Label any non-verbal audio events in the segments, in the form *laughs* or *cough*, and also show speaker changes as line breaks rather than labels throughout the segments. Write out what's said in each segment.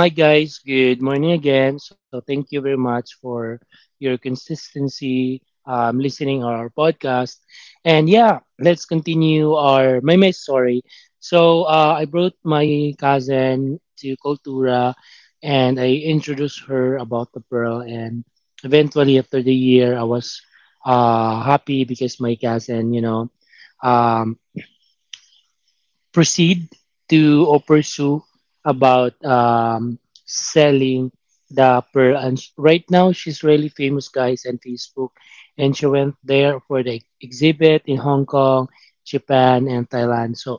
Hi guys, good morning again. So thank you very much for your consistency, listening our podcast. And yeah, let's continue our my my story. So I brought my cousin to Cultura and I introduced her about the pearl and eventually after the year I was happy because my cousin, you know, um, proceed to or pursue about selling the pearl. And right now, she's really famous, guys, on Facebook. And she went there for the exhibit in Hong Kong, Japan, and Thailand. So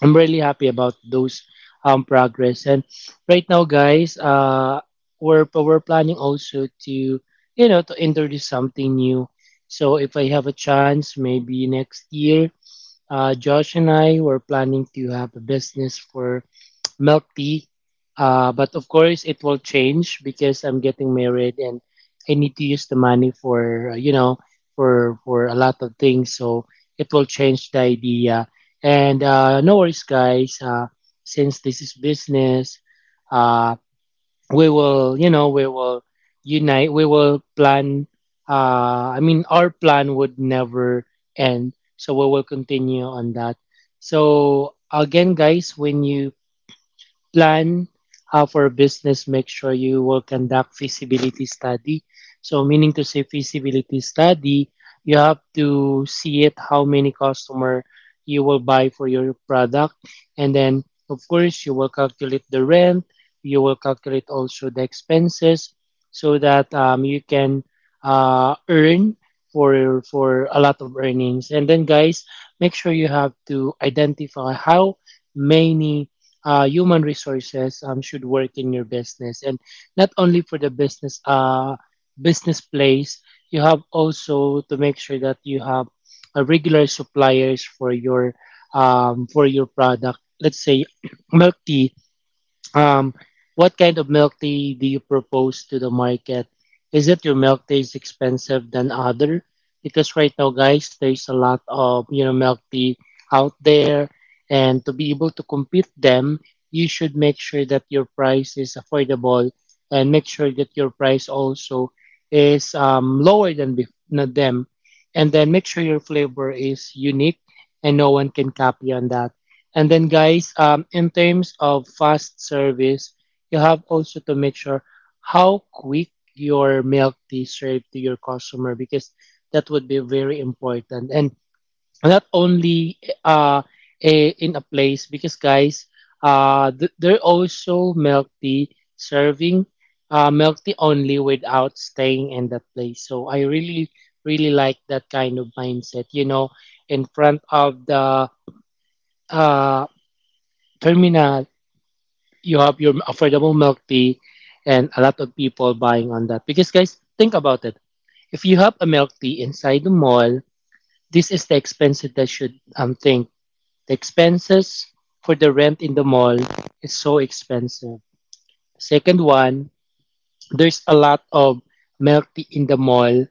I'm really happy about those, progress. And right now, guys, we're planning also to, you know, to introduce something new. So if I have a chance, maybe next year Josh and I were planning to have a business for milk tea, but of course it will change because I'm getting married and I need to use the money for, you know, for a lot of things. So it will change the idea. And no worries, guys. Since this is business, uh, we will, you know, we will unite, we will plan, I mean our plan would never end, so we will continue on that. So again, guys, when you plan for business, make sure you will conduct feasibility study. So meaning to say feasibility study, you have to see it how many customer you will buy for your product. And then of course you will calculate the rent, you will calculate also the expenses so that you can earn for a lot of earnings. And then, guys, make sure you have to identify how many human resources should work in your business. And not only for the business, business place, you have also to make sure that you have a regular suppliers for your, for your product, let's say *clears throat* milk tea. Um, what kind of milk tea do you propose to the market? Is it your milk tea is expensive than other? Because right now, guys, there's a lot of, you know, milk tea out there, and to be able to compete them, you should make sure that your price is affordable, and make sure that your price also is, lower than than them, and then make sure your flavor is unique, and no one can copy on that. And then, guys, in terms of fast service, you have also to make sure how quick your milk tea served to your customer, because that would be very important. And not only a, in a place, because, guys, there are also milk tea serving, milk tea only without staying in that place. So I really, really like that kind of mindset, you know, in front of the, uh, Termina, you have your affordable milk tea and a lot of people buying on that. Because, guys, think about it. If you have a milk tea inside the mall, this is the expenses that should think. The expenses for the rent in the mall is so expensive. Second one, there's a lot of milk tea in the mall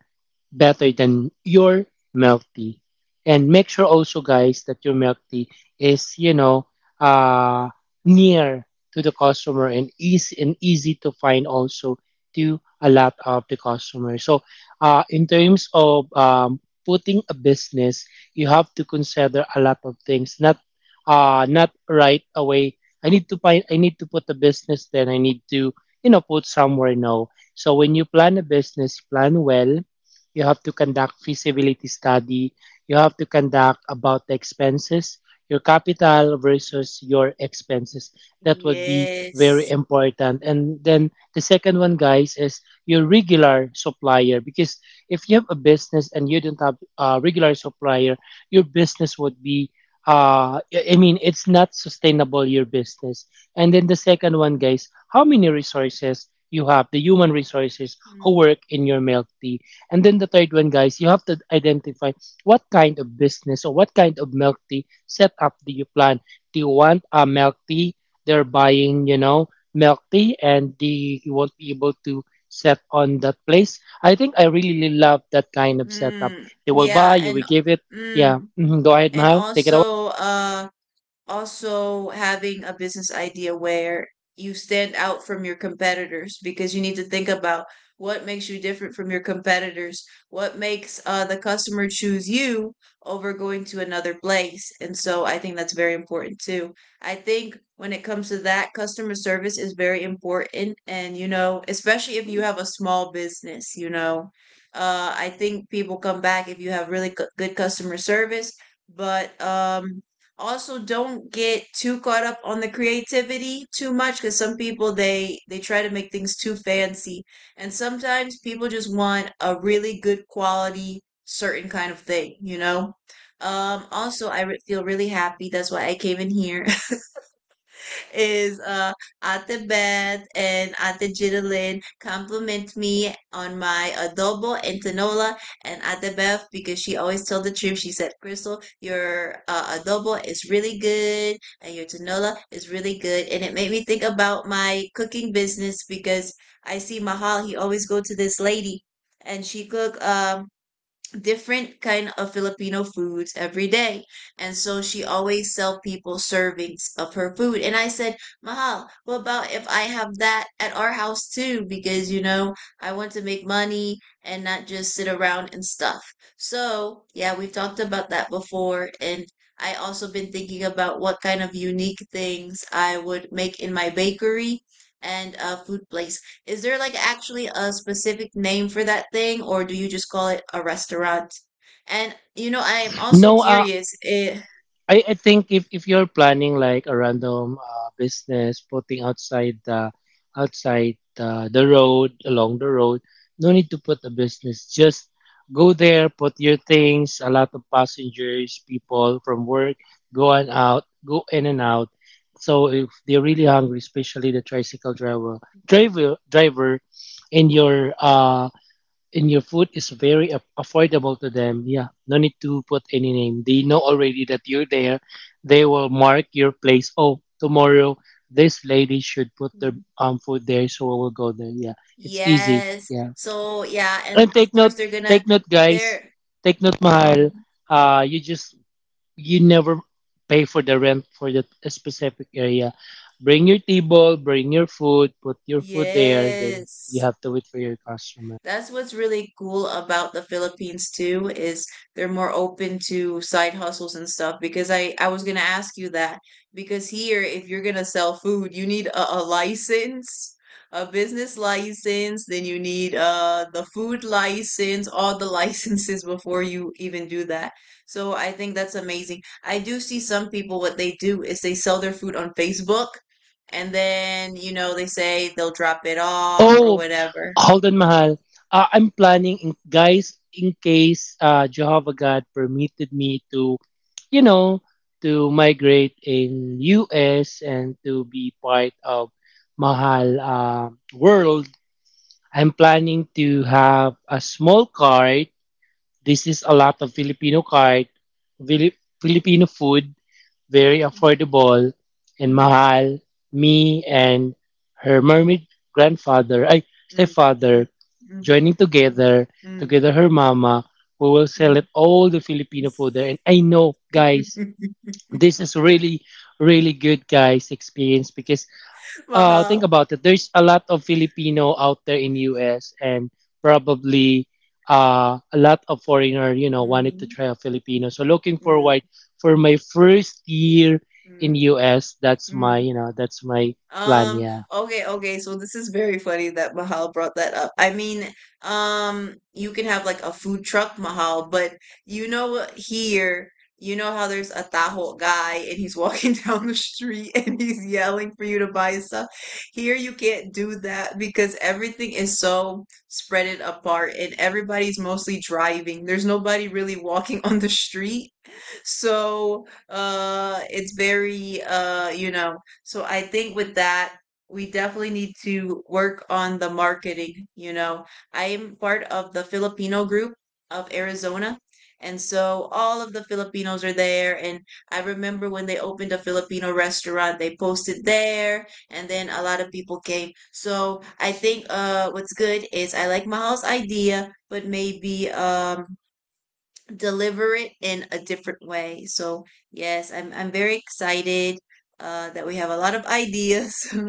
better than your milk tea. And make sure also, guys, that your milk tea is, you know, uh, near to the customer and easy, and easy to find also to a lot of the customers. So, in terms of putting a business, you have to consider a lot of things. Not, not right away. I need to find. I need to put a business. Then I need to, you know, put somewhere. No. So when you plan a business, plan well. You have to conduct feasibility study, you have to conduct about the expenses, your capital versus your expenses. That would be very
Yes.
important. And then the second one, guys, is your regular supplier. Because if you have a business and you don't have a regular supplier, your business would be, I mean it's not sustainable your business. And then the second one, guys, how many resources you have, the human resources who
Mm.
work in your milk tea. And then the third one, guys, you have to identify what kind of business or what kind of milk tea setup do you plan? Do you want a milk tea? They're buying, you know, milk tea and they you won't be able to set on that place. I think I really, really love that kind of setup.
Mm.
They will buy,
Yeah,
you
and
will give it.
mm.
Yeah. Mhm. Go ahead,
And
Mahal. Take it away.
also, also having a business idea where you stand out from your competitors, because you need to think about what makes you different from your competitors, what makes the customer choose you over going to another place. And so I think that's very important too. I think when it comes to that, customer service is very important. And, you know, especially if you have a small business, you know, I think people come back if you have really good customer service. But also, don't get too caught up on the creativity too much, because some people, they try to make things too fancy, and sometimes people just want a really good quality certain kind of thing, you know. Also, feel really happy that's why I came in here *laughs* is Ate Beth and Ate Jitalin compliment me on my adobo and tinola. And Ate Beth, because she always told the truth, she said, Crystal, your adobo is really good and your tinola is really good. And it made me think about my cooking business, because I see Mahal, he always go to this lady, and she cook different kind of Filipino foods every day. And so she always sell people servings of her food. And I said, Mahal, what about if I have that at our house too? Because, you know, I want to make money and not just sit around and stuff. So yeah, we've talked about that before, and I also been thinking about what kind of unique things I would make in my bakery and food place. Is there like actually a specific name for that thing, or do you just call it a restaurant? And you know, I am also
No,
curious.
I think if you're planning like a random, business putting outside the, outside the road, along the road, no need to put a business, just go there, put your things, a lot of passengers, people from work go and out, go in and out. So if they're really hungry, especially the tricycle driver, driver and your in your food is very affordable to them. Yeah, no need to put any name. They know already that you're there. They will mark your place. Oh, tomorrow this lady should put their,
Mm.
food there, so we will go there. Yeah, it's easy.
Yes.
Yeah,
So yeah, and
and
of
take note,
course they're gonna
guys.
they're
Take note, Mahal.
Mm,
You just, you never pay for the rent for that specific area. Bring your table, bring your food, put your food there. Then you
yes.
have to wait for your customer.
That's what's really cool about the Philippines too is they're more open to side hustles and stuff, because I was going to ask you that, because here if you're going to sell food you need a license, a business license, then you need the food license, all the *laughs* licenses before you even do that. So I think that's amazing. I do see some people what they do is they sell their food on Facebook, and then you know they say they'll drop it off or
Oh,
whatever.
hold on, Mahal. I'm planning, in, guys, in case Jehovah God permitted me to, you know, to migrate in US and to be part of Mahal, world. I'm planning to have a small cart. This is a lot of Filipino cart, Fili- Filipino food, very affordable, and
Mhm.
Mahal, me, and her mermaid grandfather, ay,
Mm, mm,
stepfather,
mm,
joining together,
mm,
together her mama, who will sell
mm.
celebrate all the Filipino food there. And I know, guys,
*laughs*
this is really, really good, guys, experience because think
Wow.
about it, there's a lot of Filipino out there in US, and probably a lot of foreigner, you know, wanted to
Mm,
try a Filipino. So looking
mm,
forward for my first year in
mm,
US, that's my,
mm.
you know, that's my plan.
Um,
Yeah.
okay, okay. So this is very funny that Mahal brought that up. I mean, you can have like a food truck, Mahal, but you know what here, you know how there's a taho guy and he's walking *laughs* down the street and he's yelling for you to buy stuff. Here you can't do that because everything is so spreaded apart and everybody's mostly driving. There's nobody really walking *laughs* on the street. So, it's very, you know, so I think with that, we definitely need to work on the marketing. You know, I am part of the Filipino group of Arizona. And so all of the Filipinos are there. And I remember when they opened a Filipino restaurant, they posted there, and then a lot of people came. So I think what's good is I like Mahal's idea, but maybe deliver it in a different way. So yes, I'm very excited that we have a lot of ideas. *laughs*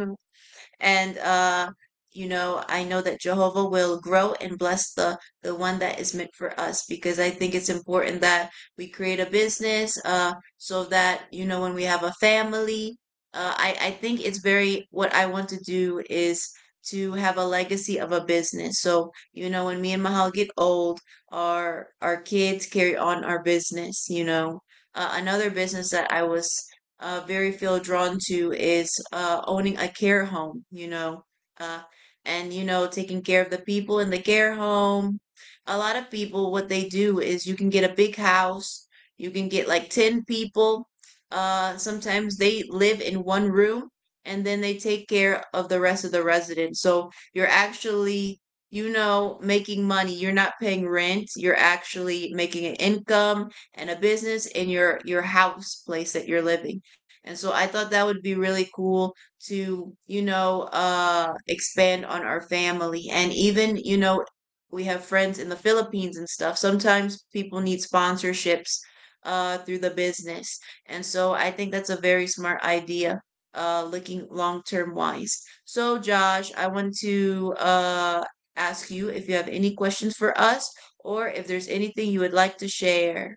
And you know, I know that Jehovah will grow and bless the one that is meant for us, because I think it's important that we create a business so that, you know, when we have a family, I think it's very, what I want to do is to have a legacy of a business. So, you know, when me and Mahal get old, our kids carry on our business, you know. Another business that I was very feel drawn to is owning a care home, you know, uh, and, you know, taking care of the people in the care home. A lot of people, what they do is you can get a big house, you can get like 10 people. Sometimes they live in one room, and then they take care of the rest of the residents. So you're actually, you know, making money. You're not paying rent. You're actually making an income and a business in your house place that you're living, and so I thought that would be really cool to, you know, expand on our family. And even, you know, we have friends in the Philippines and stuff. Sometimes people need sponsorships through the business. And so I think that's a very smart idea, looking long term wise. So, Josh, I want to ask you if you have any questions for us, or if there's anything you would like to share.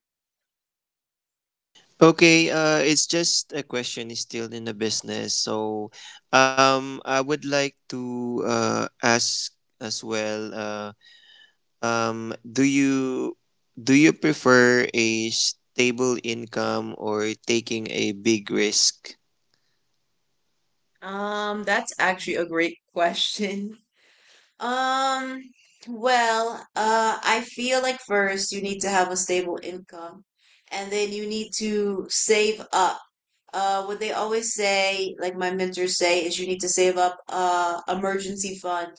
Okay, it's just a question is still in the business. So, I would like to ask as well. Um, do you do you prefer a stable income or taking a big risk?
That's actually a great *laughs* question. Um, well, I feel like first you need to have a stable income, and then you need to save up, what they always say, like my mentors say, is you need to save up a emergency fund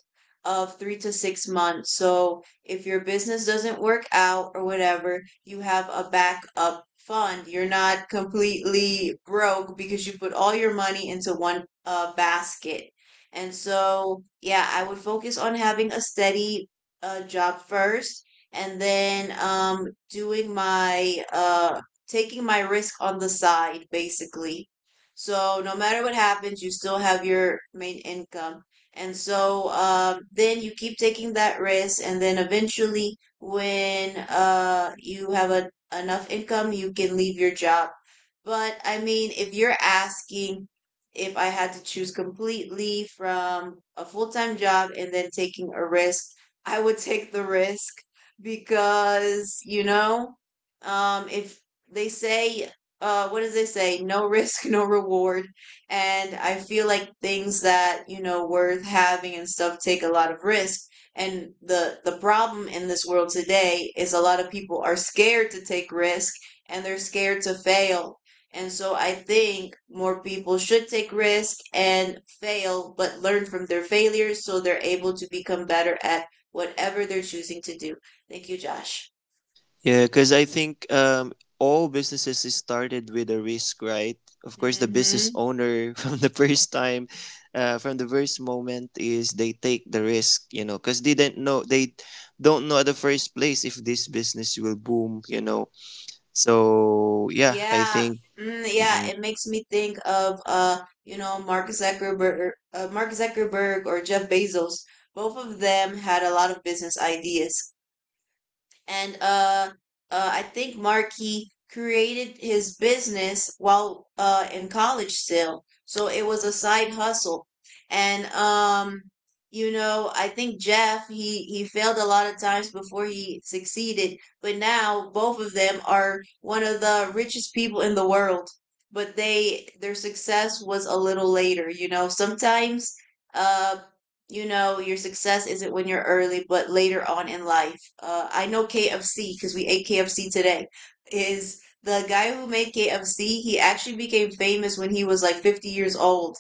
of 3 to 6 months. So if your business doesn't work out or whatever, you have a backup fund. You're not completely broke because you put all your money into one basket. And so, yeah, I would focus on having a steady job first, and then doing my taking my risk on the side, basically. So no matter what happens, you still have your main income. And so then you keep taking that risk, and then eventually, when you have enough income, you can leave your job. But I mean, if you're asking if I had to choose completely from a full time job and then taking a risk, I would *laughs* take the risk, because, you know, if they say, what does they say, no risk *laughs* no reward, and I feel like things that you know worth having and stuff take a lot of risk, and the problem in this world today is a lot of people are scared to take risk, and they're scared to fail, and so I think more people should take risk and fail, but learn from their failures so they're able to become better at whatever they're choosing to do. Thank you, Josh.
Yeah, because I think all businesses is started with a risk, right? Of course, the business
Mhm.
owner *laughs* from the first time, from the first moment, is they take the risk, you know, because they didn't know they don't know at the first place if this business will boom, you know. So yeah, I
Yeah,
think.
mm,
Mm,
yeah,
mm.
it makes me think of, you know, Mark Zuckerberg, Mark Zuckerberg or Jeff Bezos. Both of them had a lot of business ideas, and I think Markey created his business while in college still, so it was a side hustle. And you know, I think Jeff, he failed a lot of times before he succeeded, but now both of them are one of the richest people in the world. But they, their success was a little later, you know. Sometimes. Um, you know your success isn't when you're early but later on in life. I know KFC, because we ate KFC today, is the guy who made KFC, he actually became famous when he was like 50 years old.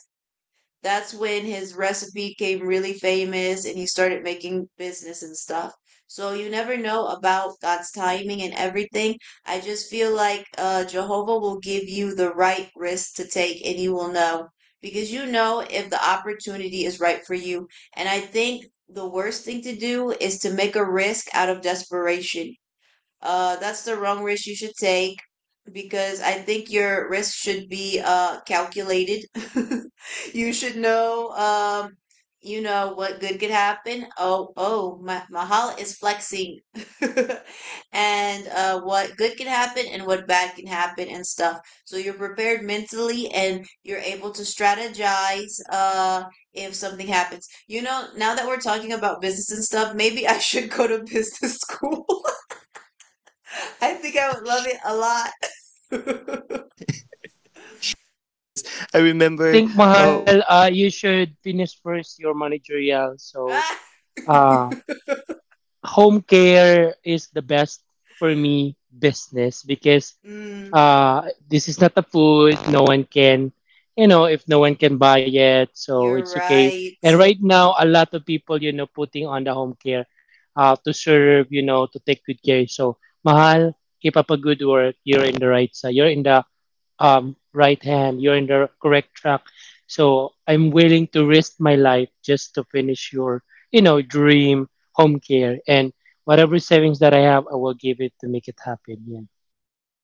That's when his recipe came really famous, and he started making business and stuff. So you never know about God's timing and everything. I just feel like, Jehovah will give you the right risk to take, and you will know, because you know if the opportunity is right for you. And I think the worst thing to do is to make a risk out of desperation. That's the wrong risk you should take, because I think your risk should be calculated. *laughs* You should know, you know what good could happen. Oh, oh, my Mahal is flexing. *laughs* And what good can happen and what bad can happen and stuff. So you're prepared mentally, and you're able to strategize, if something happens. You know, now that we're talking about business and stuff, maybe *laughs* I should go to business *laughs* school. *laughs* I think I would love it a lot. *laughs*
Yes, I remember.
I think
Oh.
Mahal, you should finish first your managerial. So
Ah!
uh.
*laughs*
Home care is the best for me business because,
Mm,
this is not a food. No one can, you know, if no one can buy it, so
you're
it's okay.
right.
And right now, a lot of people, you know, putting on the home care, to serve, you know, to take good care. So, Mahal, keep up a good work. You're in the right side. You're in the, right hand. You're in the correct track. So I'm willing to risk my life just to finish your, you know, dream home care and whatever savings that I have, I will give it to make it happen. Yeah.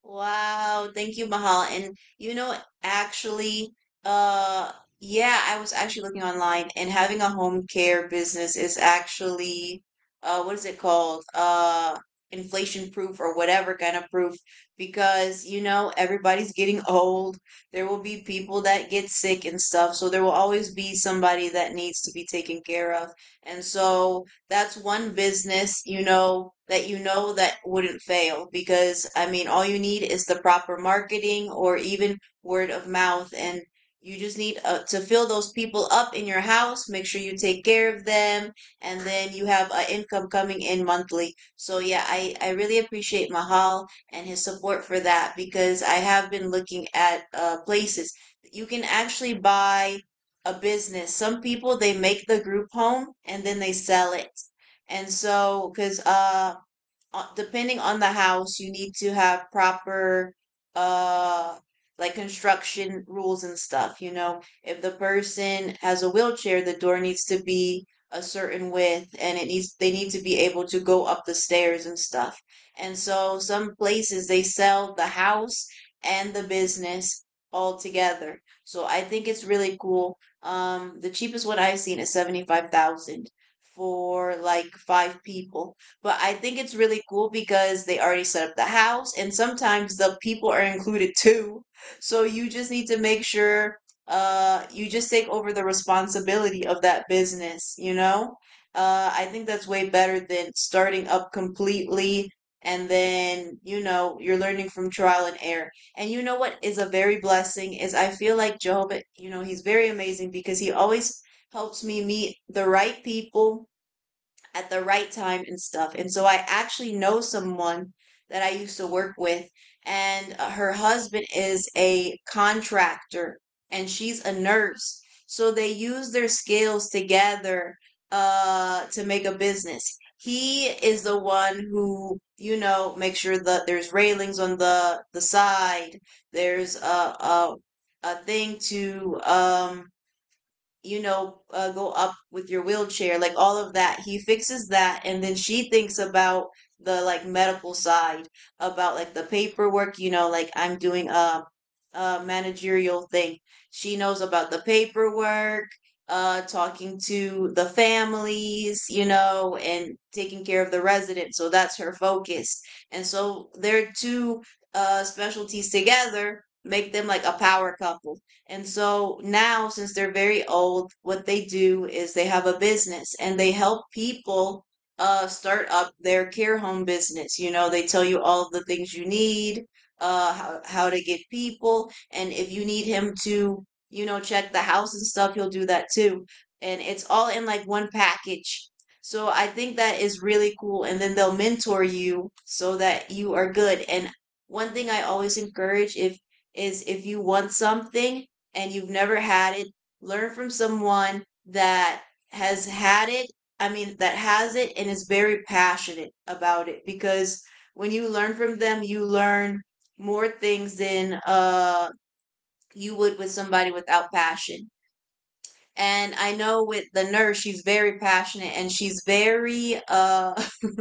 Wow. Thank you, Mahal. And you know, actually, uh, yeah, I was actually looking online, and having a home care business is actually, what is it called? Inflation proof or whatever kind of proof, because you know everybody's getting *laughs* old. There will be people that get sick and stuff, so there will always be somebody that needs to be taken care of. And so that's one business, you know, that you know that wouldn't fail, because I mean all you need is the proper marketing or even word of mouth. And you just need to fill those people up in your house, make sure you take care of them, and then you have income coming in monthly. So yeah, I really appreciate mahal and his support for that, because I have been looking at places you can actually buy a business. Some people they make the group home and then they sell it. And so, because depending on the house, you need to have proper uh like construction rules and stuff, you know. If the person has a wheelchair, the door needs to be a certain width, and it needs they need to be able to go up the stairs and stuff. And so some places they sell the house and the business all together. So I think it's really cool. The cheapest one I've seen is 75,000 for like five people, but I think it's really cool because they already set up the house and sometimes the people are included too. So you just need to make sure, you just take over the responsibility of that business, you know? I think that's way better than starting up completely and then, you know, you're learning from trial and error. And you know what is a very blessing, is I feel like Jehovah, you know, he's very amazing because he always helps me meet the right people at the right time and stuff. And so I actually know someone that I used to work with, and her husband is a contractor and she's a nurse. So they use their skills together to make a business. He is the one who, you know, makes sure that there's railings on the side. There's a thing to you know, go up with your wheelchair, like all of that. He fixes that, and then she thinks about the like medical side, about like the paperwork, you know, like I'm doing managerial thing. She knows about the paperwork, talking to the families, you know, and taking care of the residents. So that's her focus. And so their two specialties together make them like a power couple. And so now, since they're very old, what they do is they have a business and they help people start up their care home business. You know, they tell you all the things you need, how to get people, and if you need him to, you know, check the house and stuff, he'll do that too. And it's all in like one package. So I think that is really cool, and then they'll mentor you so that you are good. And one thing I always encourage if is, if you want something and you've never had it, learn from someone that has had it. I mean that has it and is very passionate about it, because when you learn from them you learn more things than you would with somebody without passion. And I know with the nurse, she's very passionate and she's very *laughs*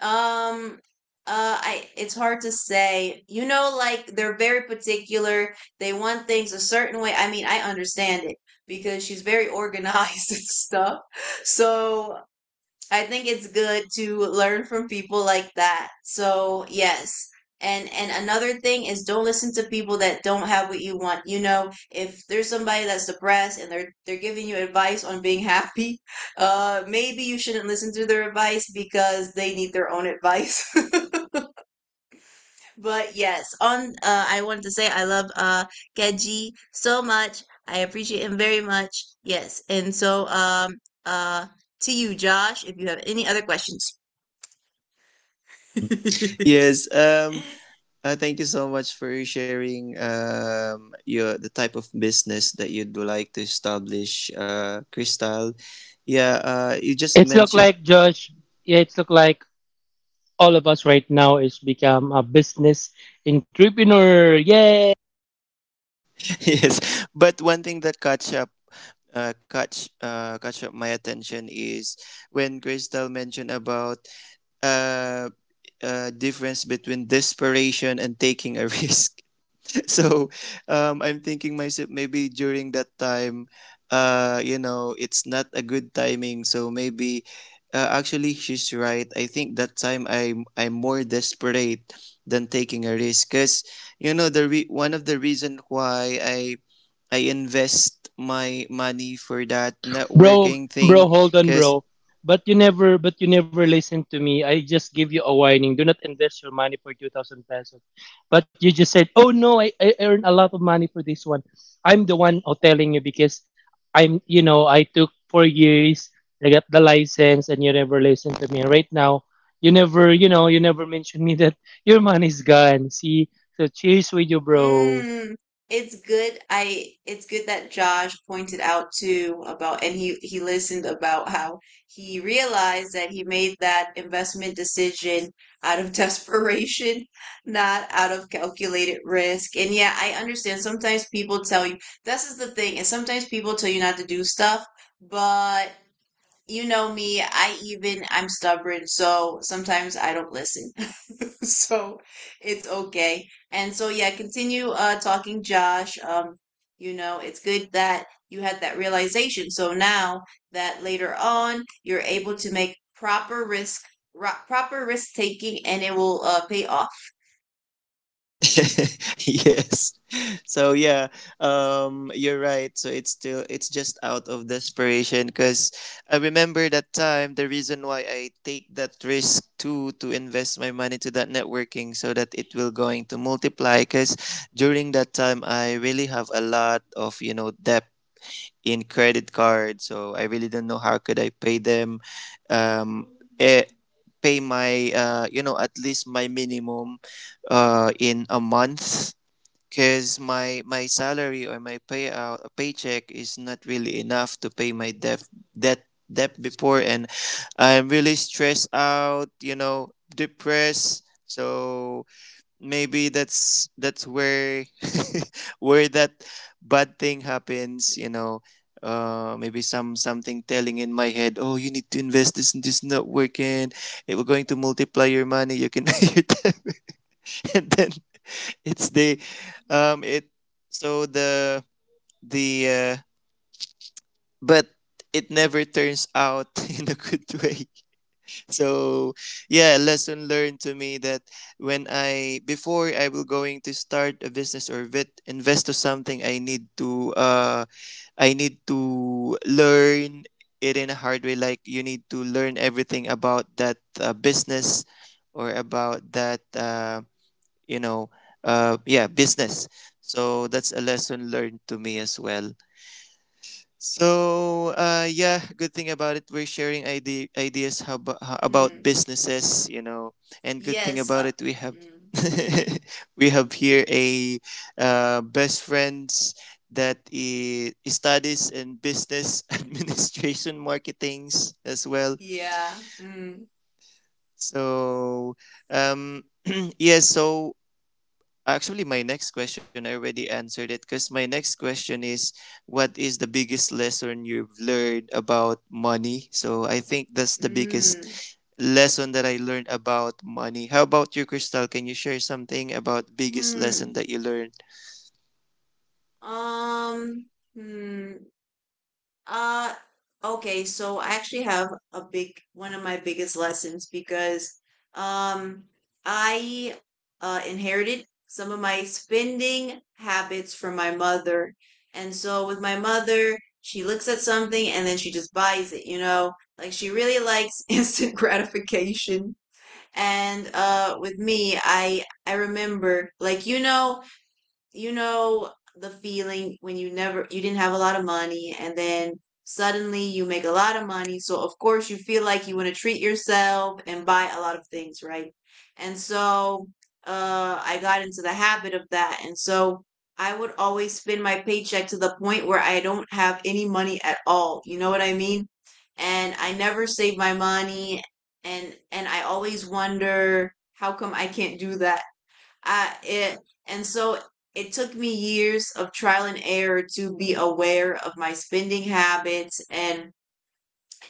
um I it's hard to say. You know, like they're very particular. They want things a certain way. I mean, I understand it because she's very organized *laughs* and stuff. So I think it's good to learn from people like that. So, yes. And another thing is, don't listen to people that don't have what you want. You know, if there's somebody that's depressed and they're giving you advice on being happy, *laughs* maybe you shouldn't listen to their advice because they need their own advice. *laughs* But yes, on I wanted to say I love Keji so much. I appreciate him very much. Yes. And so uh to you, Josh, if you have any other questions.
Mm.
*laughs*
Yes, thank you so much for sharing your the type of business that you'd like to establish, Crystal. Yeah, you just
It's
mentioned.
look like Josh. Yeah, it's look like all of us right now is become a business entrepreneur. Yay!
*laughs* Yes, but one thing that catch up my attention is when Crystal mentioned about uh, difference between desperation and taking a *laughs* risk. *laughs* So I'm thinking myself maybe during that time, you know, it's not a good timing. So maybe, actually, she's right. I think that time I'm more desperate than taking a risk, cause you know one of the reason why I invest my money for that
Bro,
networking thing,
bro, hold on,
cause.
bro. But you never listen to me. I just give you a warning. Do not invest your money for 2,000 pesos. But you just said, oh no, I earn a lot of money for this one. I'm the one oh, telling you because I'm, you know, I took 4 years, I got the license and you never listen to me. Right now, you never, you know, you never mention me *laughs* that your money's gone. See? So cheers with you, bro.
Mm, it's good. I it's good that Josh pointed out too about, and he listened about how he realized that he made that investment decision out of *laughs* desperation, not out of calculated risk. And yeah, I understand sometimes people tell you this is the thing, and sometimes people tell you not to do stuff, but you know me, I even I'm stubborn, so sometimes I don't listen. *laughs* So it's okay. And so yeah, continue talking Josh. You know, it's good that you had that realization. So now that later on you're able to make proper risk proper risk taking, and it will pay off.
*laughs* Yes. So yeah, you're right. So it's still it's just out of desperation because I remember that time the reason why I take that risk too to invest my money to that networking so that it will going to multiply because during that time I really have a lot of, you know, debt in credit card, so I really don't know how could I pay them, um, eh, pay my, you know, at least my minimum in a month, because my salary or my payout, paycheck is not really enough to pay my debt debt before, and I'm really stressed out, you know, depressed. So maybe that's where *laughs* where that bad thing happens, you know. Maybe some something telling in my head, oh, you need to invest this and this not working, it will going to multiply your money, you can *laughs* pay your debt. *laughs* And then it's the it so the but it never turns out *laughs* in a good way. So yeah, lesson learned to me that when I before I will going to start a business or invest to something, I need to learn it in a hard way, like you need to learn everything about that business or about that you know, yeah, business. So that's a lesson learned to me as well. So yeah, good thing about it, we're sharing ideas how about
Mm,
businesses, you know. And good thing
yes.
about it, we have.
Mm,
*laughs* We have here a best friends that studies in business *laughs* administration marketings as well.
yeah.
So um *clears throat* yes, so actually, my next question, I already answered it, because my next question is what is the biggest lesson you've learned about money? So I think that's the biggest
Mm,
lesson that I learned about money. How about you, Crystal? Can you share something about biggest
mm.
lesson that you learned
Um Hmm. Uh, okay, so I actually have a big one of my biggest lessons, because um I inherited some of my spending habits from my mother. And so with my mother, she looks at something and then she just buys it, you know? Like she really likes *laughs* instant gratification. And with me, I remember like, you know, you know the feeling when you never you didn't have a lot of money, and then suddenly you make a lot of money, so of course you feel like you want to treat yourself and buy a lot of things, right? And so I got into the habit of that, and so I would always spend my paycheck to the point where I don't have any money at all, you know what I mean. And I never save my money, and I always wonder how come I can't do that. I it, and so it took me years of trial and error to be aware of my spending habits,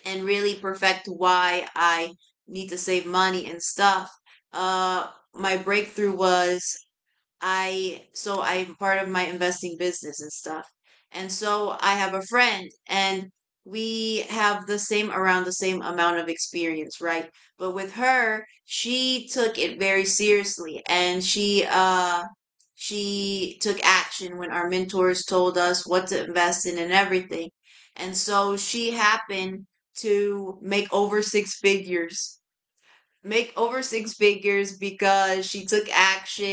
and really perfect why I need to save money and stuff. Uh my breakthrough was, I so I'm part of my investing business and stuff. And so I have a friend, and we have the same around the same amount of experience, right? But with her, she took it very seriously and she took action when our mentors told us what to invest in and everything. And so she happened to make over six figures because she took action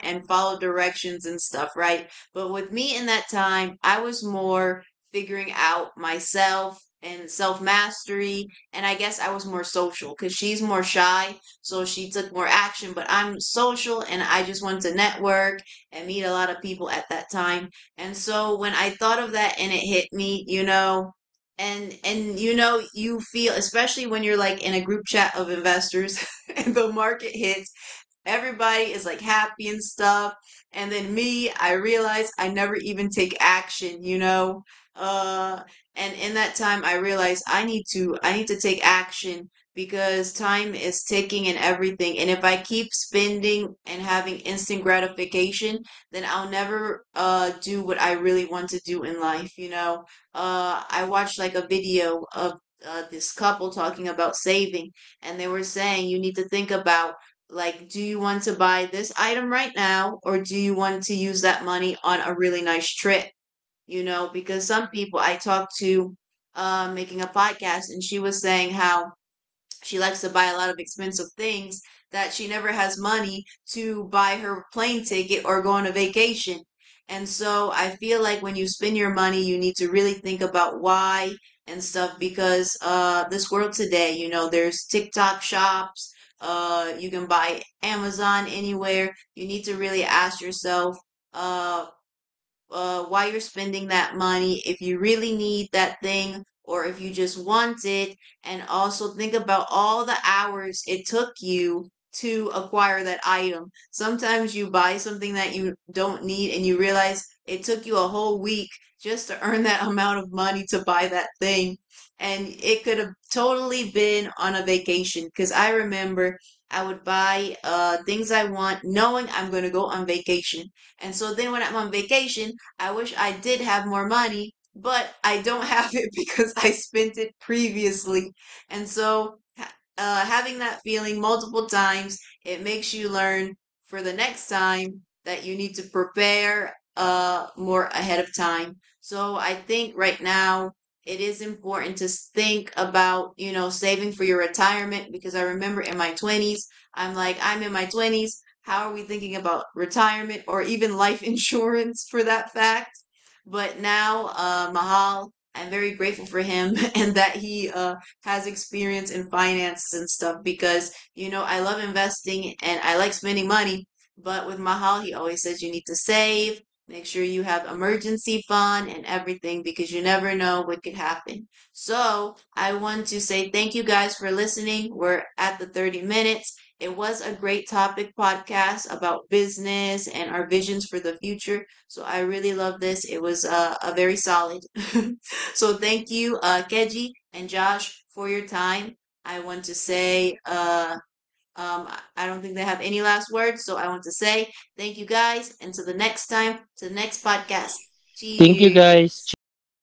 and followed directions and stuff, right? But with me in that time, I was more figuring out myself and self mastery. And I guess I was more social because she's more shy. So she took more action. But I'm social and I just wanted to network and meet a lot of people at that time. And so when I thought of that and it hit me, you know, and you know, you feel, especially when you're like in a group chat of investors, *laughs* and the market hits, everybody is like happy and stuff. And then me, I realize I never even take action, you know? Uh, and in that time, I realize I need to take action because time is ticking and everything. And if I keep spending and having instant gratification, then I'll never do what I really want to do in life, you know. I watched like a video of this couple talking about saving, and they were saying you need to think about, like, do you want to buy this item right now, or do you want to use that money on a really nice trip? You know, because some people I talked to, making a podcast, and she was saying how she likes to buy a lot of expensive things, that she never has money to buy her plane ticket or go on a vacation. And so I feel like when you spend your money, you need to really think about why and stuff, because this world today, you know, there's TikTok shops, you can buy Amazon anywhere. You need to really ask yourself, uh, why you're spending that money, if you really need that thing, or if you just want it. And also think about all the hours it took you to acquire that item. Sometimes you buy something that you don't need and you realize it took you a whole week just to *laughs* earn that amount of money to buy that thing. And it could have totally been on a vacation, because I remember I would buy things I want, knowing I'm going to go on vacation. And so then when I'm on vacation, I wish I did have more money, but I don't *laughs* have it because I spent it previously. And so, having that feeling multiple times, it makes you learn for the next time, that you need to prepare more ahead of time. So, I think right now it is important to think about, you know, saving for your retirement, because I remember in my 20s, I'm like, I'm in my 20s. How are we thinking about retirement, or even life *laughs* insurance for that fact? But now, Mahal, I'm very grateful for him *laughs* and that he has experience in finances and stuff, because, you know, I love investing and I like spending money. But with Mahal, he always says you need to save, make sure you have emergency fund and everything, because you never know what could happen. So I want to say thank you guys for listening. We're at the 30 minutes. It was a great topic podcast about business and our visions for the future. So I really love this. It was a very solid. *laughs* So thank you, Keji and Josh, for your time. I want to say, I- don't think they have any last words. So I want to say thank you guys. And to the next time, to the next podcast.
Thank you guys.
Cheers.
Cheers.